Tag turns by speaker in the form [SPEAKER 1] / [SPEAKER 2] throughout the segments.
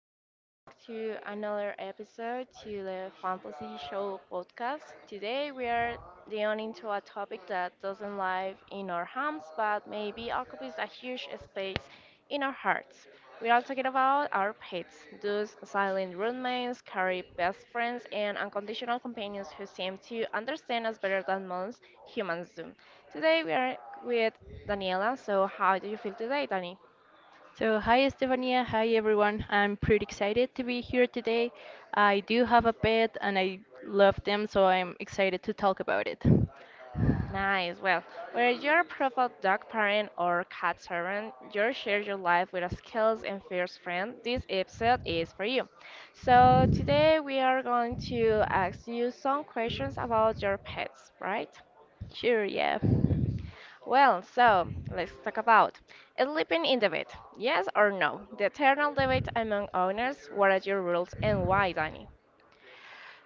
[SPEAKER 1] welcome back to another episode to the Fantasy Show podcast. Today we are delving into a topic that doesn't live in our homes but maybe occupies a huge space in our hearts. We are talking about our pets, those silent roommates, carry best friends, and unconditional companions who seem to understand us better than most humans do. Today we are with Daniela, so how do you feel today, Dani?
[SPEAKER 2] So, hi Estefania, hi everyone. I'm pretty excited to be here today. I do have a pet and I love them, so I'm excited to talk about it.
[SPEAKER 1] Nice. Well, whether you're a profile dog parent or cat servant, you share your life with a skills and fierce friend. This episode is for you. So today we are going to ask you some questions about your pets, right?
[SPEAKER 2] Sure, yeah.
[SPEAKER 1] Well, so let's talk about sleeping in the bed. Yes or no? The eternal debate among owners. What are your rules and why, Danny?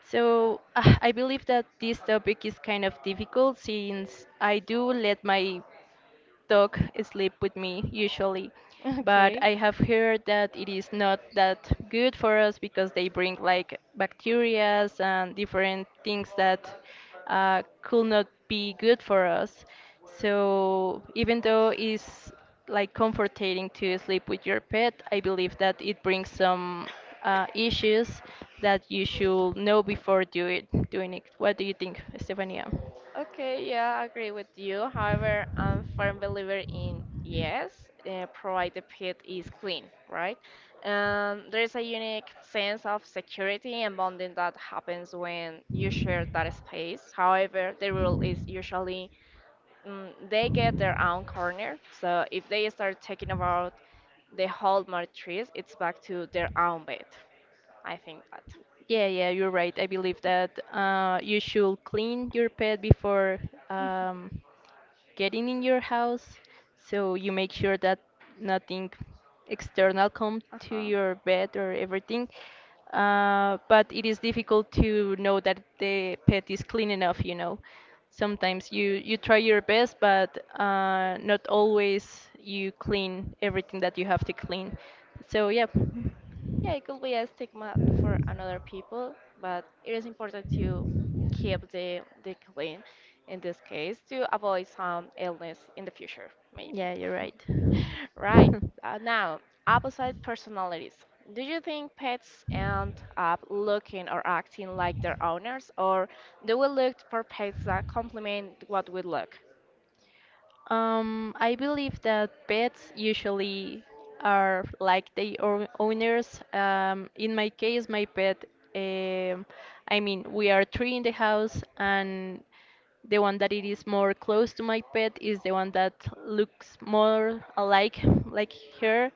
[SPEAKER 2] I believe that this topic is kind of difficult since I do let my dog sleep with me usually, but
[SPEAKER 1] Okay.
[SPEAKER 2] I have heard that it is not that good for us because they bring like bacterias and different things that could not be good for us. So even though it's like comforting to sleep with your pet, I believe that it brings some issues that you should know before doing it. What do you think, Stefania?
[SPEAKER 1] Okay, yeah, I agree with you. However, I'm firm believer in yes, provided the pit is clean, right? There's a unique sense of security and bonding that happens when you share that space. However, the rule is usually they get their own corner. So if they start talking about the whole matrix, it's back to their own bed. I think that.
[SPEAKER 2] Yeah, yeah, you're right. I believe that you should clean your pet before um, getting in your house, so you make sure that nothing external come to
[SPEAKER 1] Uh-huh.
[SPEAKER 2] your bed or everything. But it is difficult to know that the pet is clean enough, you know. Sometimes you try your best, but not always you clean everything that you have to clean. So yeah,
[SPEAKER 1] Yeah, it could be a stigma for another people, but it is important to keep the clean in this case to avoid some illness in the future, maybe.
[SPEAKER 2] yeah, you're right.
[SPEAKER 1] Right. Uh, now, opposite personalities. Do you think pets end up looking or acting like their owners, or do we look for pets that complement what we look?
[SPEAKER 2] I believe that pets usually are like the or owners. In my case, my pet, um I mean, we are three in the house, and the one that it is more close to my pet is the one that looks more alike like her.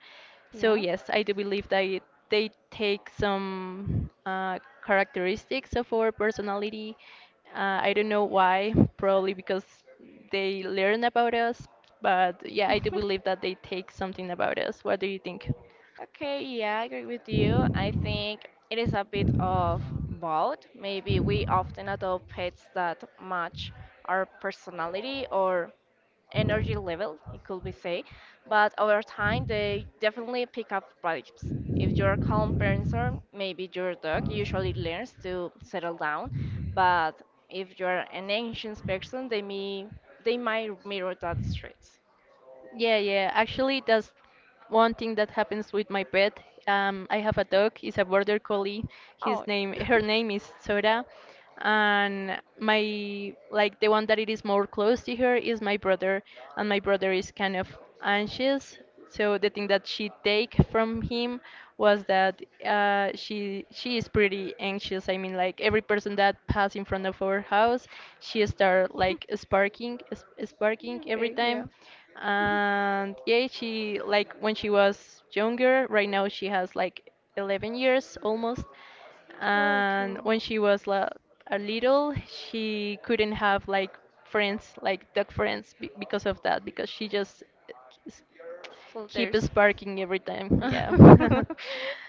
[SPEAKER 2] So
[SPEAKER 1] Yeah.
[SPEAKER 2] yes, I do believe that they take some characteristics of our personality. I don't know why, probably because they learn about us, but yeah, I do believe that they take something about us. What do you think?
[SPEAKER 1] Okay, yeah, I agree with you. I think it is a bit of both. Maybe we often adopt pets that match our personality or energy level, it could be say, but over time they definitely pick up vibes. If you're a calm person, maybe your dog usually learns to settle down, but if you're an anxious person, they might mirror that traits.
[SPEAKER 2] Yeah, yeah. Actually, that's one thing that happens with my pet. I have a dog. It's a border collie.
[SPEAKER 1] Oh,
[SPEAKER 2] Her name is Sora, and my like the one that it is more close to her is my brother, and my brother is kind of anxious. So the thing that she take from him was that she is pretty anxious. I mean, like every person that pass in front of our house, she start like sparking every
[SPEAKER 1] okay, yeah.
[SPEAKER 2] time, and yeah, she like when she was younger, right now she has like 11 years almost, and
[SPEAKER 1] Okay.
[SPEAKER 2] when she was la- a little, she couldn't have like friends like dog friends because of that, because she just s- keep
[SPEAKER 1] Soldiers.
[SPEAKER 2] sparking every time, yeah.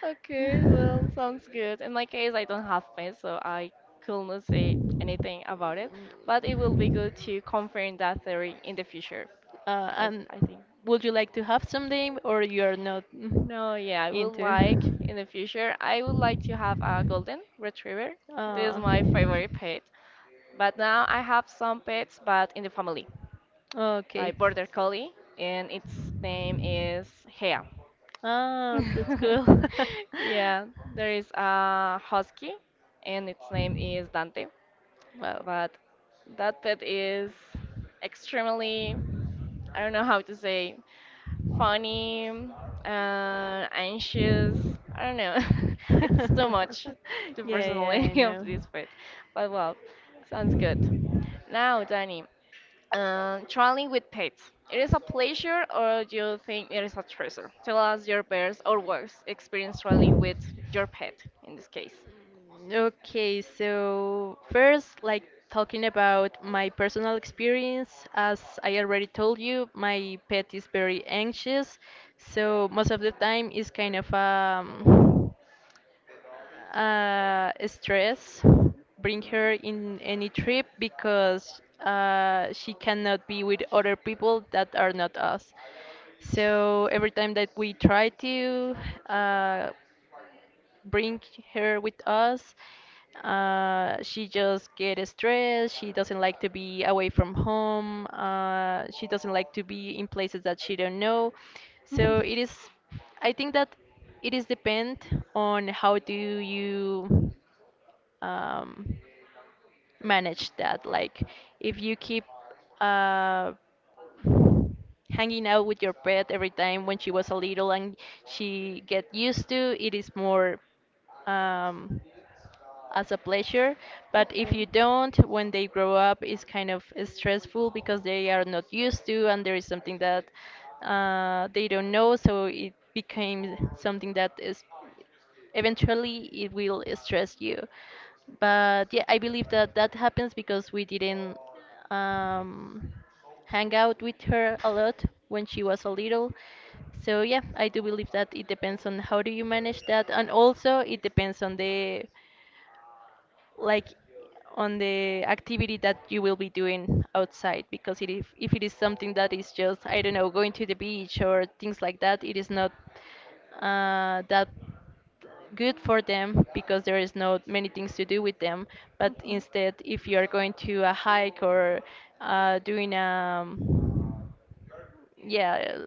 [SPEAKER 1] Okay, well, sounds good. In my case, I don't have pets, so I could not say anything about it, but it will be
[SPEAKER 2] Mm,
[SPEAKER 1] good to confirm that theory in the future, because
[SPEAKER 2] and
[SPEAKER 1] I think.
[SPEAKER 2] would you like to have someday, or you're not mm,
[SPEAKER 1] No, yeah, I would
[SPEAKER 2] into?
[SPEAKER 1] like in the future, I would like to have a golden retriever. This is
[SPEAKER 2] Uh,
[SPEAKER 1] my favorite pet. But now I have some pets, but in the family,
[SPEAKER 2] okay.
[SPEAKER 1] like border collie, and its name is Hea.
[SPEAKER 2] Ah, that's cool.
[SPEAKER 1] Yeah, there is a husky, and its name is Dante.
[SPEAKER 2] Wow.
[SPEAKER 1] But that pet is extremely, I don't know how to say, funny, anxious. I don't know. It's too much, the
[SPEAKER 2] Yeah, yeah, I
[SPEAKER 1] personality of
[SPEAKER 2] know.
[SPEAKER 1] this pet. But well, sounds good. Now, Danny, traveling with pets. It is a pleasure or you think it is a treasure? Tell us your best or worst experience traveling with your pet in this case.
[SPEAKER 2] Okay, so first, like talking about my personal experience, as I already told you, my pet is very anxious, so most of the time it's kind of stress bring her in any trip because she cannot be with other people that are not us. So every time that we try to uh, bring her with us. She just gets stressed. She doesn't like to be away from home. She doesn't like to be in places that she don't know. So I think that it is depend on how do you um, manage that. Like if you keep uh, hanging out with your pet every time when she was a little and she get used to it, is more um, as a pleasure, but if
[SPEAKER 1] Okay.
[SPEAKER 2] you don't, when they grow up, it's kind of stressful because they are not used to, and there is something that they don't know, so it became something that is, eventually it will stress you. But yeah, I believe that that happens because we didn't um, hang out with her a lot when she was a little. So yeah, I do believe that it depends on how do you manage that, and also it depends on the like on the activity that you will be doing outside, because if it is something that is just I don't know going to the beach or things like that, it is not that good for them because there is not many things to do with them. But
[SPEAKER 1] Mhm.
[SPEAKER 2] instead, if you are going to a hike or doing yeah,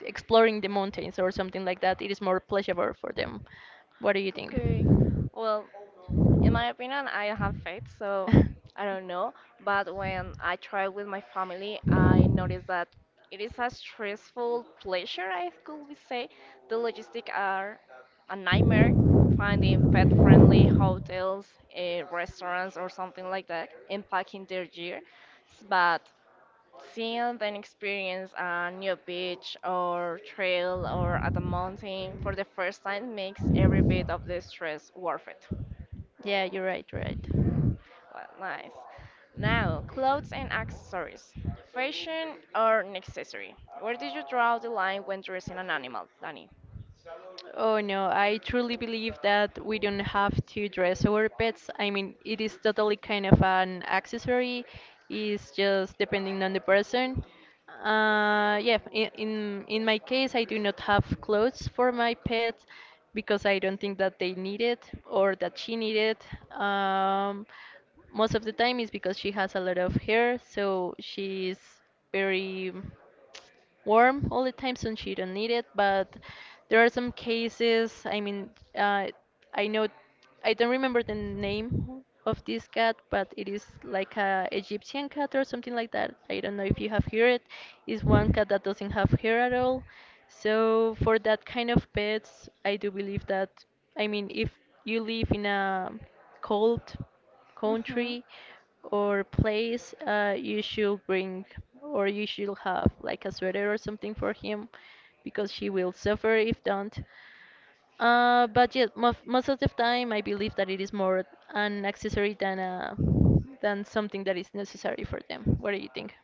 [SPEAKER 2] exploring the mountains or something like that, it is more pleasurable for them. What do you think?
[SPEAKER 1] Okay. Well, in my opinion, I don't have faith, so I don't know. But when I try with my family, I noticed that it is a stressful pleasure, I could be say. The logistics are a nightmare, finding pet-friendly hotels, restaurants, or something like that, and packing their gear. But seeing and experience a new beach or trail or at a mountain for the first time makes every bit of the stress worth it.
[SPEAKER 2] Yeah, you're right, you're right.
[SPEAKER 1] Well, nice. Now, clothes and accessories. Fashion or necessary? Where did you draw the line when dressing an animal, Danny?
[SPEAKER 2] Oh no, I truly believe that we don't have to dress our pets. I mean, it is totally kind of an accessory. It's just depending on the person. Yeah, in my case, I do not have clothes for my pet because I don't think that they need it or that she need it. Um, most of the time is because she has a lot of hair, so she's very warm all the time, so she don't need it. But there are some cases. I mean, uh, I know I don't remember the name of this cat, but it is like a Egyptian cat or something like that. I don't know if you have heard it. It's one cat that doesn't have hair at all. So for that kind of pets, I do believe that, I mean, if you live in a cold
[SPEAKER 1] Hmm.
[SPEAKER 2] country or place, you should bring or you should have like a sweater or something for him because she will suffer if don't. But yes, mo most of the time, I believe that it is more an accessory than than something that is necessary for them. What do you think?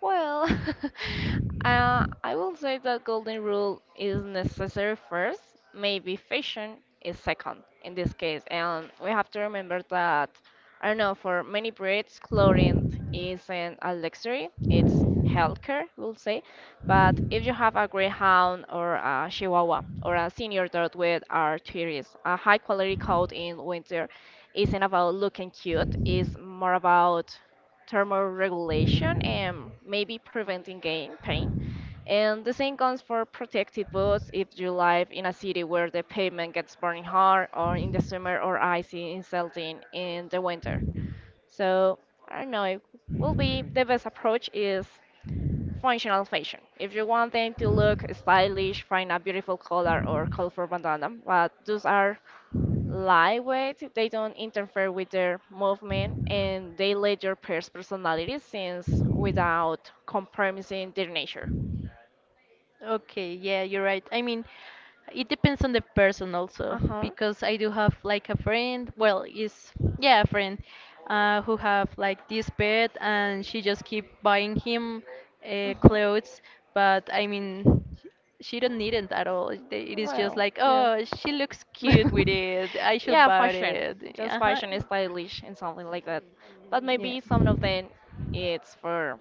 [SPEAKER 1] Well, I will say that golden rule is necessary first, maybe fashion is second in this case. And we have to remember that, I don't know, for many Brits, clothing isn't a luxury, it's healthcare, we'll say. But if you have a greyhound or a chihuahua or a senior dog with arthritis, a high quality coat in winter isn't about looking cute, it's more about thermoregulation and maybe preventing gain pain. And the same goes for protective boots if you live in a city where the pavement gets burning hard or in the summer or icy insulting in the winter. So I don't know, it will be the best approach is functional fashion. If you want them to look stylish, find a beautiful color or colorful bandana, but those are lightweight, they don't interfere with their movement, and they let your pair's personality since without compromising their nature.
[SPEAKER 2] Okay, yeah, you're right. I mean, it depends on the person also
[SPEAKER 1] Uh huh.
[SPEAKER 2] because I do have like a friend, well, is yeah, a friend who have like this pet, and she just keep buying him
[SPEAKER 1] Uh huh.
[SPEAKER 2] clothes, but I mean, she don't need it at all. It is just
[SPEAKER 1] Well,
[SPEAKER 2] like,
[SPEAKER 1] yeah.
[SPEAKER 2] oh, she looks cute with it. I should
[SPEAKER 1] Yeah,
[SPEAKER 2] buy
[SPEAKER 1] fashion.
[SPEAKER 2] it.
[SPEAKER 1] Just
[SPEAKER 2] Uh-huh.
[SPEAKER 1] fashion is stylish and something like that. But
[SPEAKER 2] Yeah.
[SPEAKER 1] maybe some of them it's for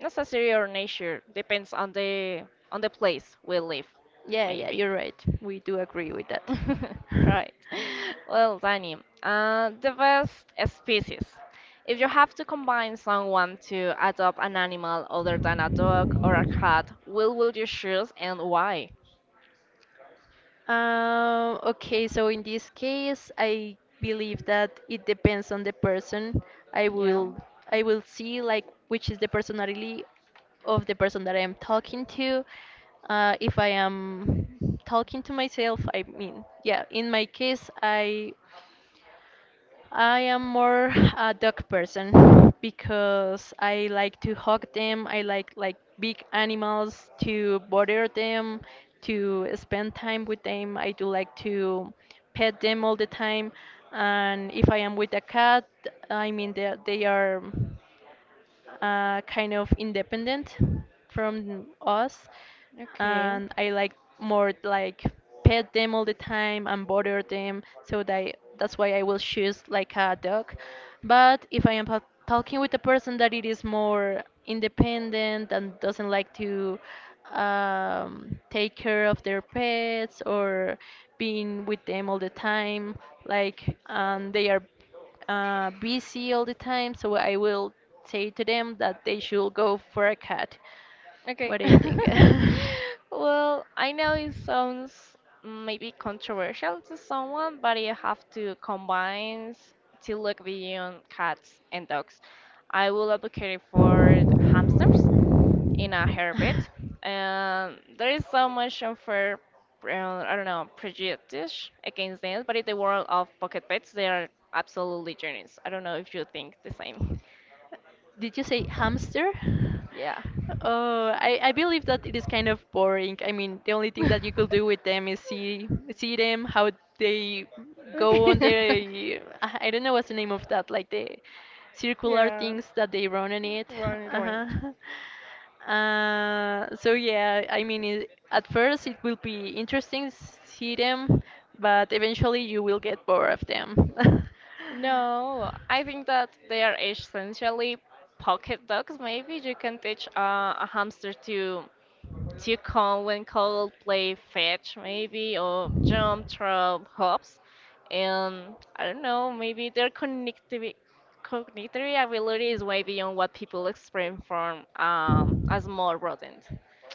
[SPEAKER 1] necessary or nature. Depends on the place we live,
[SPEAKER 2] Yeah, yeah,
[SPEAKER 1] maybe.
[SPEAKER 2] you're right. We do agree with that.
[SPEAKER 1] Right. Well, Danny, the best species. If you have to combine someone to adopt an animal other than a dog or a cat, will would you choose and why?
[SPEAKER 2] Okay, so in this case, I believe that it depends on the person. I
[SPEAKER 1] Yeah.
[SPEAKER 2] will I will see like which is the personality of the person that I am talking to. If I am talking to myself, I mean, yeah, in my case, I am more a dog person because I like to hug them. I like big animals to bother them, to spend time with them. I do like to pet them all the time. And if I am with a cat, I mean they are kind of independent from us,
[SPEAKER 1] Okay.
[SPEAKER 2] and I like more like pet them all the time and bother them. So that's why I will choose like a dog. But if I am talking with a person that it is more independent and doesn't like to take care of their pets or being with them all the time, like they are busy all the time, so I will say to them that they should go for a cat.
[SPEAKER 1] Okay.
[SPEAKER 2] What do you think?
[SPEAKER 1] Well, I know it sounds maybe controversial to someone, but you have to combine to look beyond cats and dogs. I will advocate for hamsters in a herbit. There is so much unfair, I don't know, prejudice against them, but in the world of pocket pets, they are absolutely genius. I don't know if you think the same.
[SPEAKER 2] Did you say hamster?
[SPEAKER 1] Yeah.
[SPEAKER 2] Oh, I believe that it is kind of boring. I mean, the only thing that you could do with them is see them how they go on
[SPEAKER 1] Okay.
[SPEAKER 2] their I don't know what's the name of that, like the circular
[SPEAKER 1] Yeah.
[SPEAKER 2] things that they run on it.
[SPEAKER 1] Right, right.
[SPEAKER 2] Uh-huh. So yeah, I mean, it, at first it will be interesting see them, but eventually you will get bored of them.
[SPEAKER 1] No, I think that they are essentially pocket dogs. Maybe you can teach a hamster to call when called, play fetch, maybe, or jump, throw, hops, and I don't know. Maybe their cognitive ability is way beyond what people experience from a small rodent.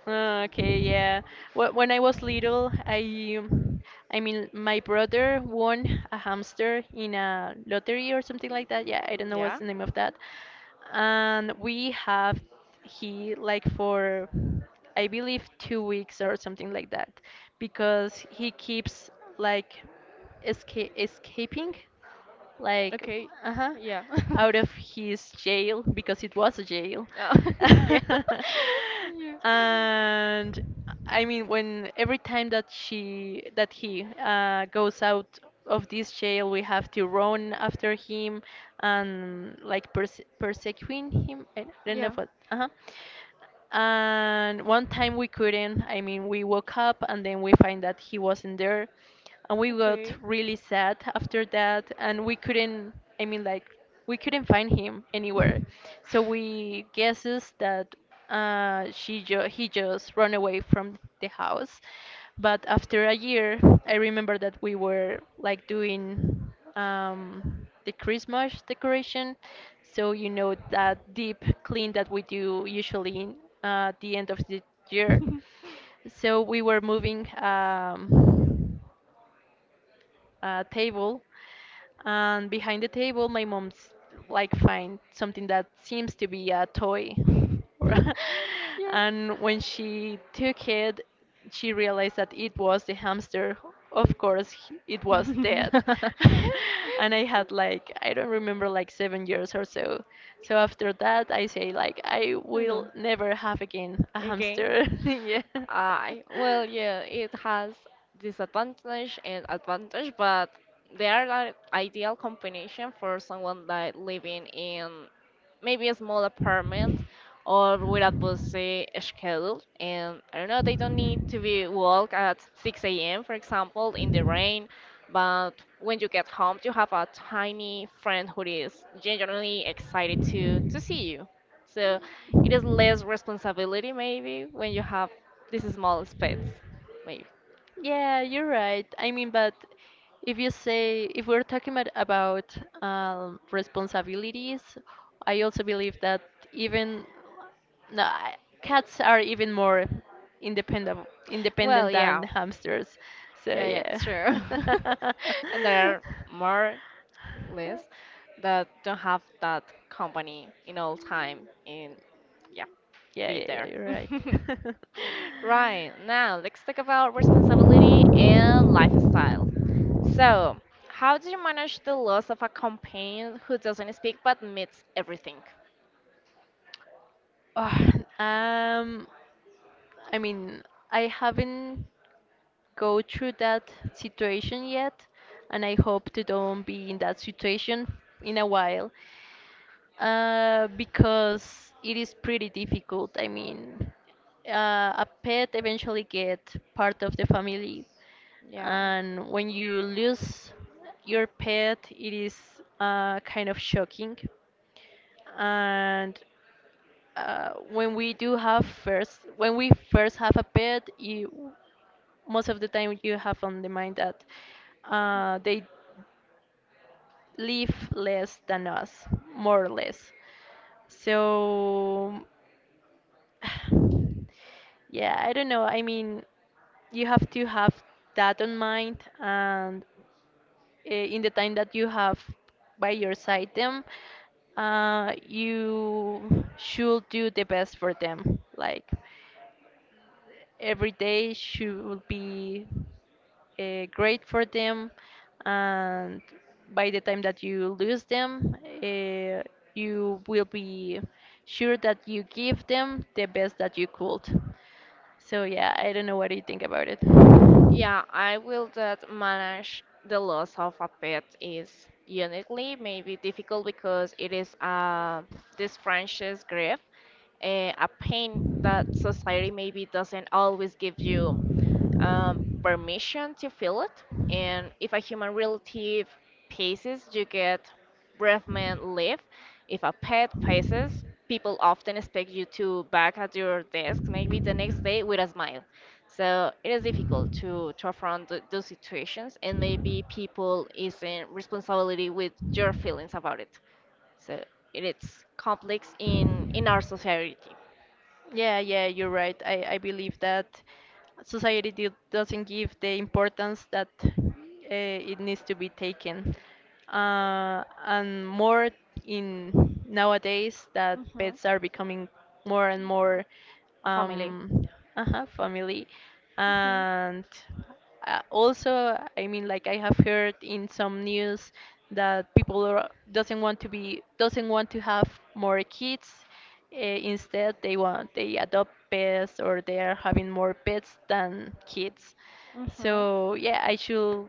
[SPEAKER 2] Ah, okay, yeah. When I was little, I mean, my brother won a hamster in a lottery or something like that. Yeah, I don't know what's
[SPEAKER 1] Yeah.
[SPEAKER 2] the name of that. And we have he like for, I believe, 2 weeks or something like that, because he keeps like escaping like
[SPEAKER 1] Okay.
[SPEAKER 2] uh-huh,
[SPEAKER 1] Yeah.
[SPEAKER 2] out of his jail because it was a jail.
[SPEAKER 1] Oh, yeah. Yeah.
[SPEAKER 2] And I mean, when every time that she that he goes out of this jail, we have to run after him and like persecuting him. I don't know
[SPEAKER 1] Yeah.
[SPEAKER 2] what. Uh-huh. And one time we couldn't. I mean, we woke up and then we find that he wasn't there. And we got
[SPEAKER 1] Okay.
[SPEAKER 2] really sad after that. And we couldn't, I mean, like, we couldn't find him anywhere. So we guesses that he just run away from the house. But after a year, I remember that we were like doing the Christmas decoration. So you know that deep clean that we do usually the end of the year. So we were moving a table, and behind the table, my mom's like find something that seems to be a toy. or-
[SPEAKER 1] Yeah.
[SPEAKER 2] and when she took it, she realized that it was the hamster. Of course, it was dead. and I had like, I don't remember, like 7 years or so. So after that, I say, like, I
[SPEAKER 1] I
[SPEAKER 2] will
[SPEAKER 1] know.
[SPEAKER 2] never have again a
[SPEAKER 1] Okay.
[SPEAKER 2] hamster. yeah.
[SPEAKER 1] I well, yeah, it has disadvantage and advantage, but they are like ideal combination for someone like living in maybe a small apartment or with a busy schedule. And I don't know, they don't need to be walk at 6 a.m. for example in the rain. But when you get home, you have a tiny friend who is genuinely excited to see you. So it is less responsibility maybe when you have this is small space, maybe.
[SPEAKER 2] Yeah, you're right. I mean, but if you say if we're talking about responsibilities, I also believe that even no, I- cats are even more independent
[SPEAKER 1] Well,
[SPEAKER 2] independent than
[SPEAKER 1] yeah,
[SPEAKER 2] hamsters. So
[SPEAKER 1] yeah, yeah,
[SPEAKER 2] yeah.
[SPEAKER 1] sure. And there are more lists that don't have that company in all time and yeah,
[SPEAKER 2] Yeah,
[SPEAKER 1] be
[SPEAKER 2] yeah, yeah,
[SPEAKER 1] there.
[SPEAKER 2] you're right.
[SPEAKER 1] Right, now let's talk about responsibility and lifestyle. So, how do you manage the loss of a companion who doesn't speak but meets everything?
[SPEAKER 2] Oh, um, I mean, I haven't. Go through that situation yet, and I hope to don't be in that situation in a while, because it is pretty difficult. I mean, a pet eventually get part of the family,
[SPEAKER 1] Yeah.
[SPEAKER 2] and when you lose your pet, it is kind of shocking, and when we do have first when we first have a pet you most of the time you have on the mind that they live less than us more or less so yeah I don't know. I mean, you have to have that on mind and in the time that you have by your side them you should do the best for them like every day should be great for them and by the time that you lose them uh, you will be sure that you give them the best that you could so yeah, I don't know, what do you think about it?
[SPEAKER 1] Yeah, I will that manage the loss of a pet is uniquely maybe difficult because it is this French's grief, a pain that society maybe doesn't always give you permission to feel it. And if a human relative passes, you get breath mint leave. If a pet passes, people often expect you to back at your desk maybe the next day with a smile. So it is difficult to affront those situations, and maybe people isn't responsibility with your feelings about it. So it is complex in our society.
[SPEAKER 2] Yeah, yeah, you're right. I believe that society doesn't give the importance that it needs to be taken. And more in nowadays that
[SPEAKER 1] Hmm.
[SPEAKER 2] pets are becoming more and more
[SPEAKER 1] A family.
[SPEAKER 2] um, family.
[SPEAKER 1] Hmm.
[SPEAKER 2] And also, I mean, like I have heard in some news that doesn't want to be doesn't want to have more kids uh, instead, they want they adopt pets or they are having more pets than kids.
[SPEAKER 1] Hmm.
[SPEAKER 2] So yeah,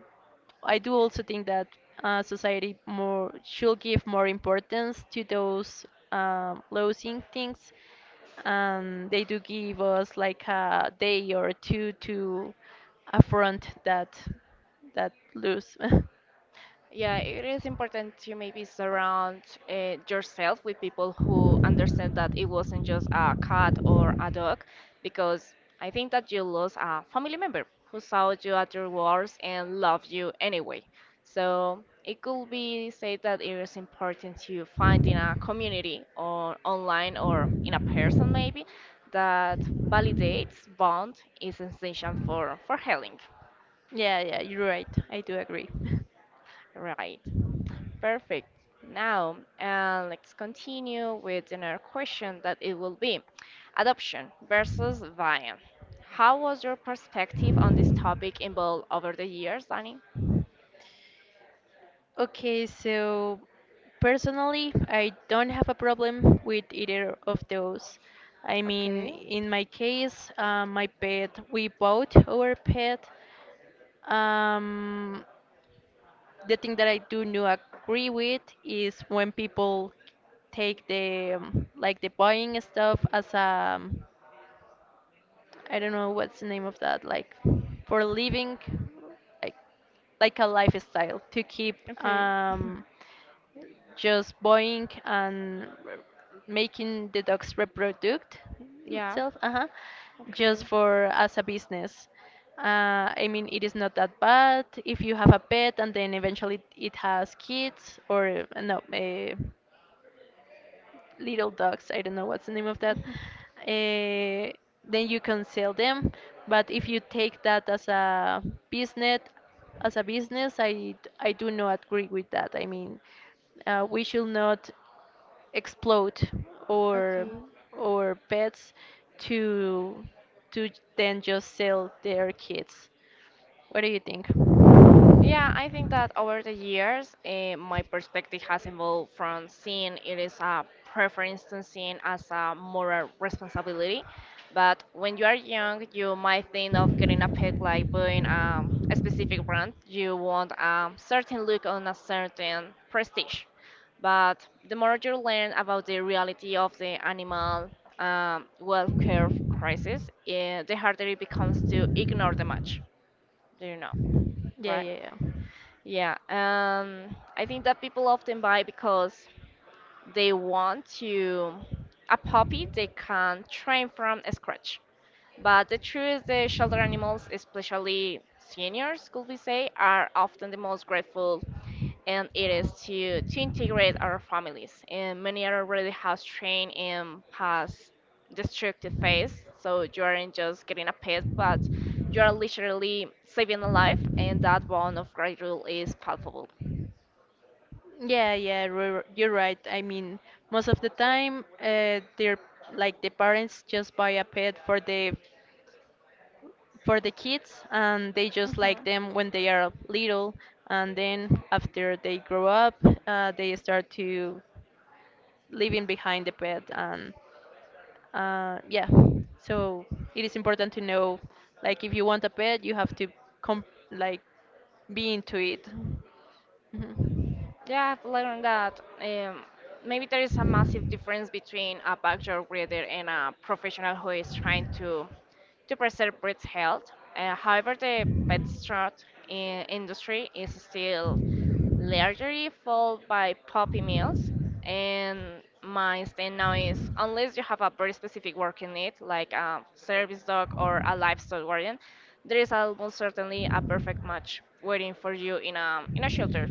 [SPEAKER 2] I do also think that society more should give more importance to those low instincts, and they do give us like a day or two to affront that loose.
[SPEAKER 1] Yeah, it is important to maybe surround yourself with people who understand that it wasn't just a cat or a dog, because I think that you lost a family member who saw you at your worst and loved you anyway. So it could be said that it is important to find in a community or online or in a person maybe that validates bond is essential for healing.
[SPEAKER 2] Yeah, yeah, you're right. I do agree.
[SPEAKER 1] Right. Perfect. Now, let's continue with another question that it will be adoption versus buying. How was your perspective on this topic involved over the years, Danny?
[SPEAKER 2] Okay, so personally, I don't have a problem with either of those. I mean,
[SPEAKER 1] Okay.
[SPEAKER 2] in my case, my pet, we bought our pet. Um, the thing that I do not agree with is when people take the like the buying stuff as a I don't know what's the name of that like for living like like a lifestyle to keep
[SPEAKER 1] Okay.
[SPEAKER 2] um just buying and making the dogs reproduce
[SPEAKER 1] Yeah.
[SPEAKER 2] itself uh-huh, just
[SPEAKER 1] Okay.
[SPEAKER 2] for as a business I mean it is not that bad if you have a pet and then eventually it has kids or little dogs I don't know what's the name of that uh, then you can sell them but if you take that business as a business I do not agree with that I mean we should not explode or
[SPEAKER 1] Okay.
[SPEAKER 2] or pets to to then just sell their kids. What do you think?
[SPEAKER 1] Yeah, I think that over the years, my perspective has evolved from seeing it as a preference to seeing as a moral responsibility. But when you are young, you might think of getting a pet like buying a specific brand. You want a certain look on a certain prestige. But the more you learn about the reality of the animal welfare crisis, the harder it becomes to ignore the match. Do you know,
[SPEAKER 2] Yeah,
[SPEAKER 1] right?
[SPEAKER 2] yeah, yeah.
[SPEAKER 1] Yeah, I think that people often buy because they want to a puppy they can train from scratch. But the truth is, the shelter animals, especially seniors, could we say, are often the most grateful, and it is to integrate our families. And many are already has trained in past destructive phase, so you aren't just getting a pet, but you are literally saving a life, and that bond of gratitude is palpable.
[SPEAKER 2] Yeah, yeah, you're right. I mean, most of the time, they're like the parents just buy a pet for the kids, and they just like
[SPEAKER 1] Hmm.
[SPEAKER 2] them when they are little, and then after they grow up, they start to leaving behind the pet, and yeah so it is important to know like if you want a pet you have to com- like be into it. Mhm.
[SPEAKER 1] Yeah, I've learned that maybe there is a massive difference between a backyard breeder and a professional who is trying to preserve breed health. However, the pet strut in industry is still largely followed by puppy mills, and my stand now is unless you have a very specific working need, like a service dog or a livestock guardian, there is almost certainly a perfect match waiting for you in a shelter.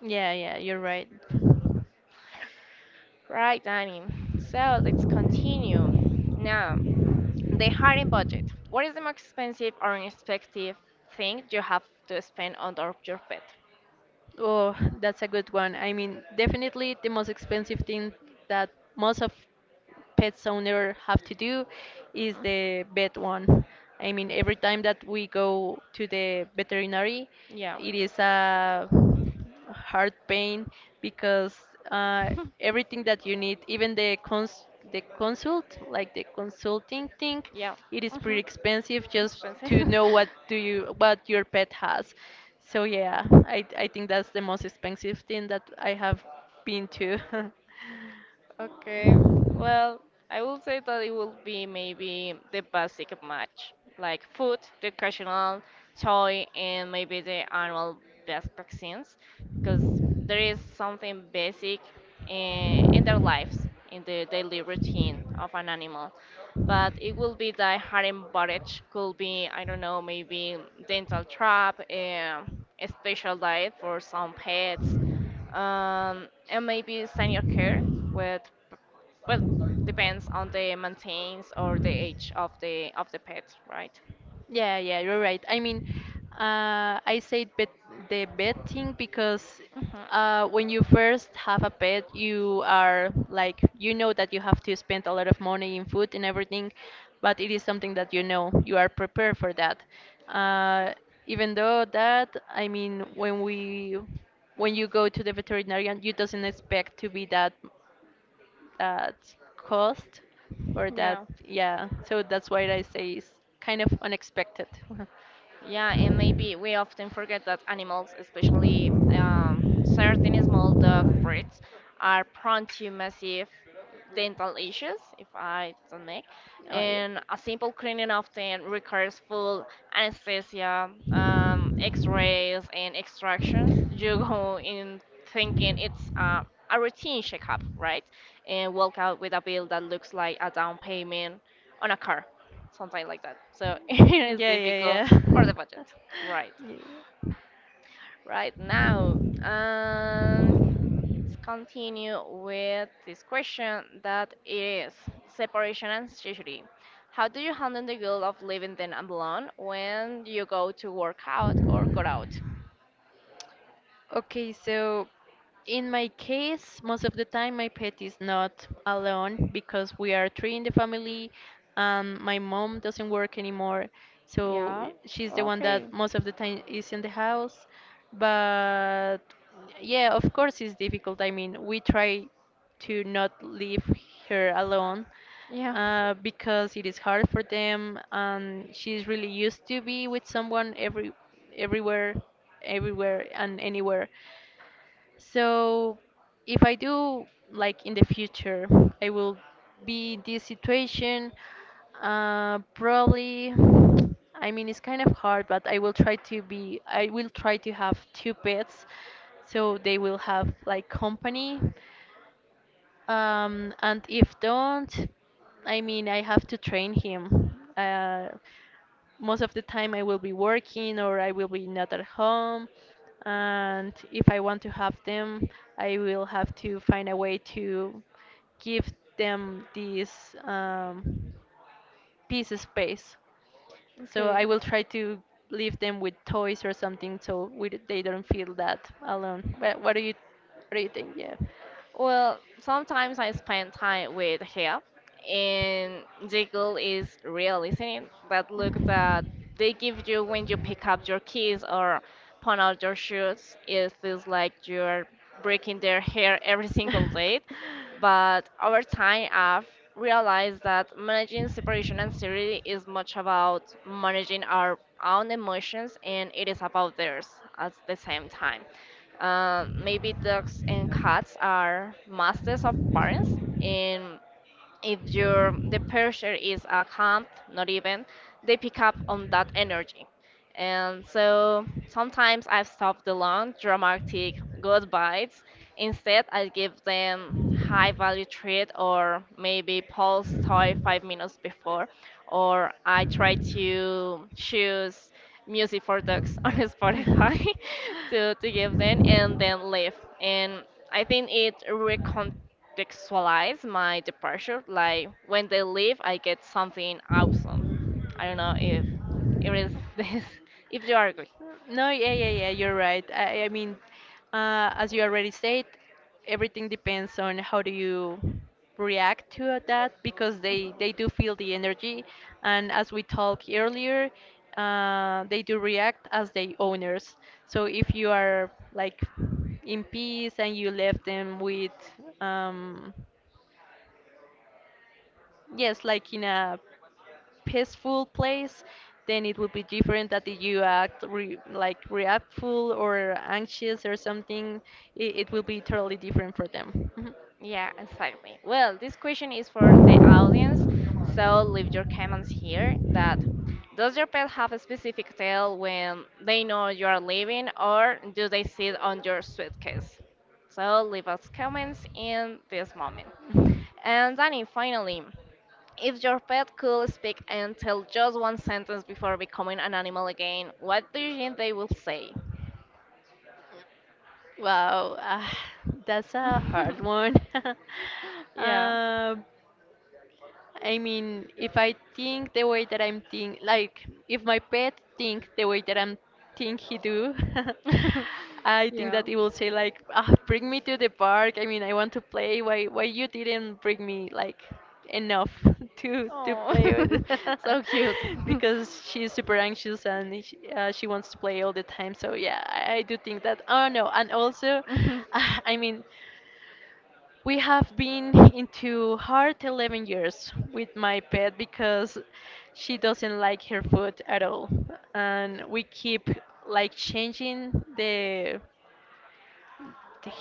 [SPEAKER 2] Yeah, yeah, you're right.
[SPEAKER 1] Right, Danny. So let's continue. Now, the hiring budget. What is the most expensive or unexpected thing you have to spend on top your pet?
[SPEAKER 2] Oh, that's a good one. I mean definitely the most expensive thing that most of pets owner have to do is
[SPEAKER 1] Mm,
[SPEAKER 2] the vet one. I mean, every time that we go to the veterinary,
[SPEAKER 1] yeah.
[SPEAKER 2] it is a heart pain because uh, everything that you need, even the consult, like the consulting thing,
[SPEAKER 1] Yeah.
[SPEAKER 2] it is
[SPEAKER 1] hmm
[SPEAKER 2] pretty expensive just to
[SPEAKER 1] Expensive.
[SPEAKER 2] know what do you what your pet has. So yeah, I think that's the most expensive thing that I have been to.
[SPEAKER 1] Okay. Well, I will say that it will be maybe the basic match, like food, the recreational, toy, and maybe the annual best vaccines, because there is something basic in their lives, in the daily routine of an animal, but it will be that harem budget could be, I don't know, maybe dental trap, a special diet for some pets, and maybe senior care with, well, depends on the maintenance or the age of the pet, right?
[SPEAKER 2] Yeah, yeah, you're right. I mean, I say bet the pet thing because
[SPEAKER 1] Hmm.
[SPEAKER 2] when you first have a pet, you are like you know that you have to spend a lot of money in food and everything, but it is something that you know you are prepared for that. Uh, Even though that, I mean, when you go to the veterinarian, you doesn't expect to be that that cost or that
[SPEAKER 1] yeah
[SPEAKER 2] yeah so that's why I say it's kind of unexpected. Oh
[SPEAKER 1] Yeah, and maybe we often forget that animals, especially certain small dog breeds, are prone to massive dental issues, if I don't make.
[SPEAKER 2] yeah,
[SPEAKER 1] And a simple cleaning often requires full anesthesia, x-rays, and extractions. You go in thinking it's a routine checkup, right? And walk out with a bill that looks like a down payment on a car, something like that. So it is
[SPEAKER 2] yeah, yeah,
[SPEAKER 1] difficult
[SPEAKER 2] yeah.
[SPEAKER 1] for the budget. Right.
[SPEAKER 2] Yeah.
[SPEAKER 1] Right now, let's continue with this question that it is separation and anxiety. How do you handle the guilt of living then alone when you go to work out or go out?
[SPEAKER 2] Okay, so in my case, most of the time my pet is not alone because we are three in the family and my mom doesn't work anymore. So
[SPEAKER 1] Yeah,
[SPEAKER 2] she's the one that
[SPEAKER 1] okay.
[SPEAKER 2] most of the time is in the house. But yeah, of course it's difficult. I mean, we try to not leave her alone
[SPEAKER 1] Yeah,
[SPEAKER 2] because it is hard for them and she's really used to be with someone everywhere everywhere and anywhere. So if I do like in the future, I will be in this situation. Probably, I mean, it's kind of hard, but I will try to be. I will try to have two pets, so they will have like company and if don't, I mean, I have to train him. Most of the time I will be working or I will be not at home. And if I want to have them, I will have to find a way to give them this piece space. So
[SPEAKER 1] okay.
[SPEAKER 2] I will try to leave them with toys or something so they don't feel that alone. But what do you think? Yeah.
[SPEAKER 1] Well, sometimes I spend time with her, and the goal is real is listening. That look that they give you when you pick up your keys or pawn out your shoes, it feels like you're breaking their hair every single day. But over time, I've realized that managing separation anxiety is much about managing our own emotions and it is about theirs at the same time. Maybe dogs and cats are masters of parents, and if your the pressure is a calm, not even, they pick up on that energy. And so sometimes I stop the long, dramatic goodbyes. Instead, I give them high value treat or maybe pause toy 5 minutes before, or I try to choose music for dogs on Spotify to give them and then leave. And I think it recontextualizes my departure. Like when they leave, I get something awesome. I don't know if it is this, if you agree.
[SPEAKER 2] No, yeah, yeah, yeah, you're right. I mean, as you already said, everything depends on how do you react to that because they do feel the energy, and as we talked earlier, they do react as they owners. So if you are like in peace and you left them with um, yes, like in a peaceful place, then it would be different that if you act like reactful or anxious or something, it will be totally different for them. Mhm.
[SPEAKER 1] Yeah, exactly. Well, this question is for the audience, so leave your comments here that does your pet have a specific tail when they know you are leaving or do they sit on your suitcase? So leave us comments in this moment. And Danny, finally, if your pet could speak and tell just one sentence before becoming an animal again, what do you think they will say?
[SPEAKER 2] Wow, ah, that's a hard one.
[SPEAKER 1] Yeah.
[SPEAKER 2] uh, I mean, if I think the way that I'm think, like if my pet think the way that I'm think he do, I think
[SPEAKER 1] Yeah.
[SPEAKER 2] that he will say like, ah, bring me to the park. I mean, I want to play. Why you didn't bring me like enough to
[SPEAKER 1] Oh,
[SPEAKER 2] play with?
[SPEAKER 1] so cute.
[SPEAKER 2] Because she's super anxious and she wants to play all the time. So yeah, I do think that. Oh no, and also, I mean, we have been into hard 11 years with my pet because she doesn't like her food at all. And we keep like changing the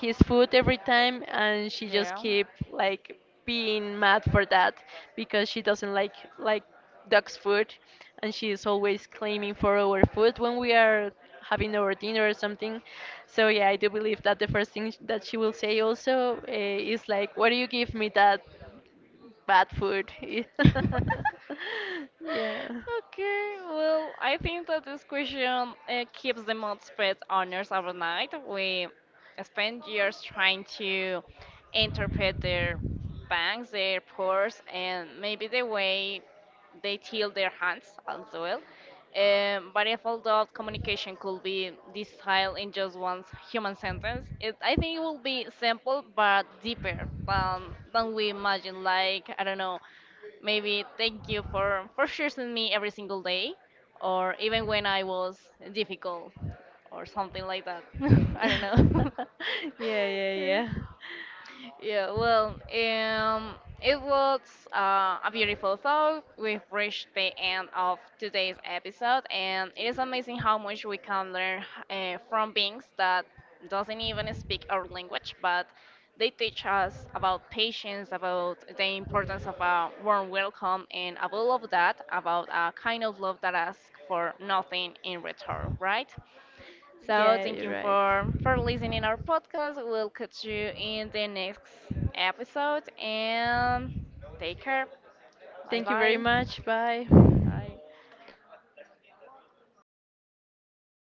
[SPEAKER 2] his food every time and she just
[SPEAKER 1] Yeah.
[SPEAKER 2] keep like being mad for that because she doesn't like dog's food and she is always claiming for our food when we are having our dinner or something so yeah I do believe that the first thing that she will say also is like why do you give me that bad food. Yeah.
[SPEAKER 1] Okay, well, I think that this question keeps the mod spread owners overnight. We spend years trying to interpret their bangs, their pores, and maybe the way they tilt their hands as well. But if all that communication could be distilled in just one human sentence, it, I think it will be simple but deeper than we imagine. Like, I don't know, maybe thank you for choosing me every single day, or even when I was difficult, or something like that. I don't know.
[SPEAKER 2] Yeah, yeah,
[SPEAKER 1] Yeah.
[SPEAKER 2] yeah,
[SPEAKER 1] Yeah, well, it was a beautiful thought. We've reached the end of today's episode, and it is amazing how much we can learn from beings that doesn't even speak our language, but they teach us about patience, about the importance of a warm welcome, and above all of that, about a kind of love that asks for nothing in return, right? So
[SPEAKER 2] yeah,
[SPEAKER 1] thank
[SPEAKER 2] you're
[SPEAKER 1] you
[SPEAKER 2] right.
[SPEAKER 1] for listening our podcast. We'll catch you in the next episode and take care. Bye
[SPEAKER 2] Thank you very
[SPEAKER 1] bye.
[SPEAKER 2] much. Bye.
[SPEAKER 1] Bye.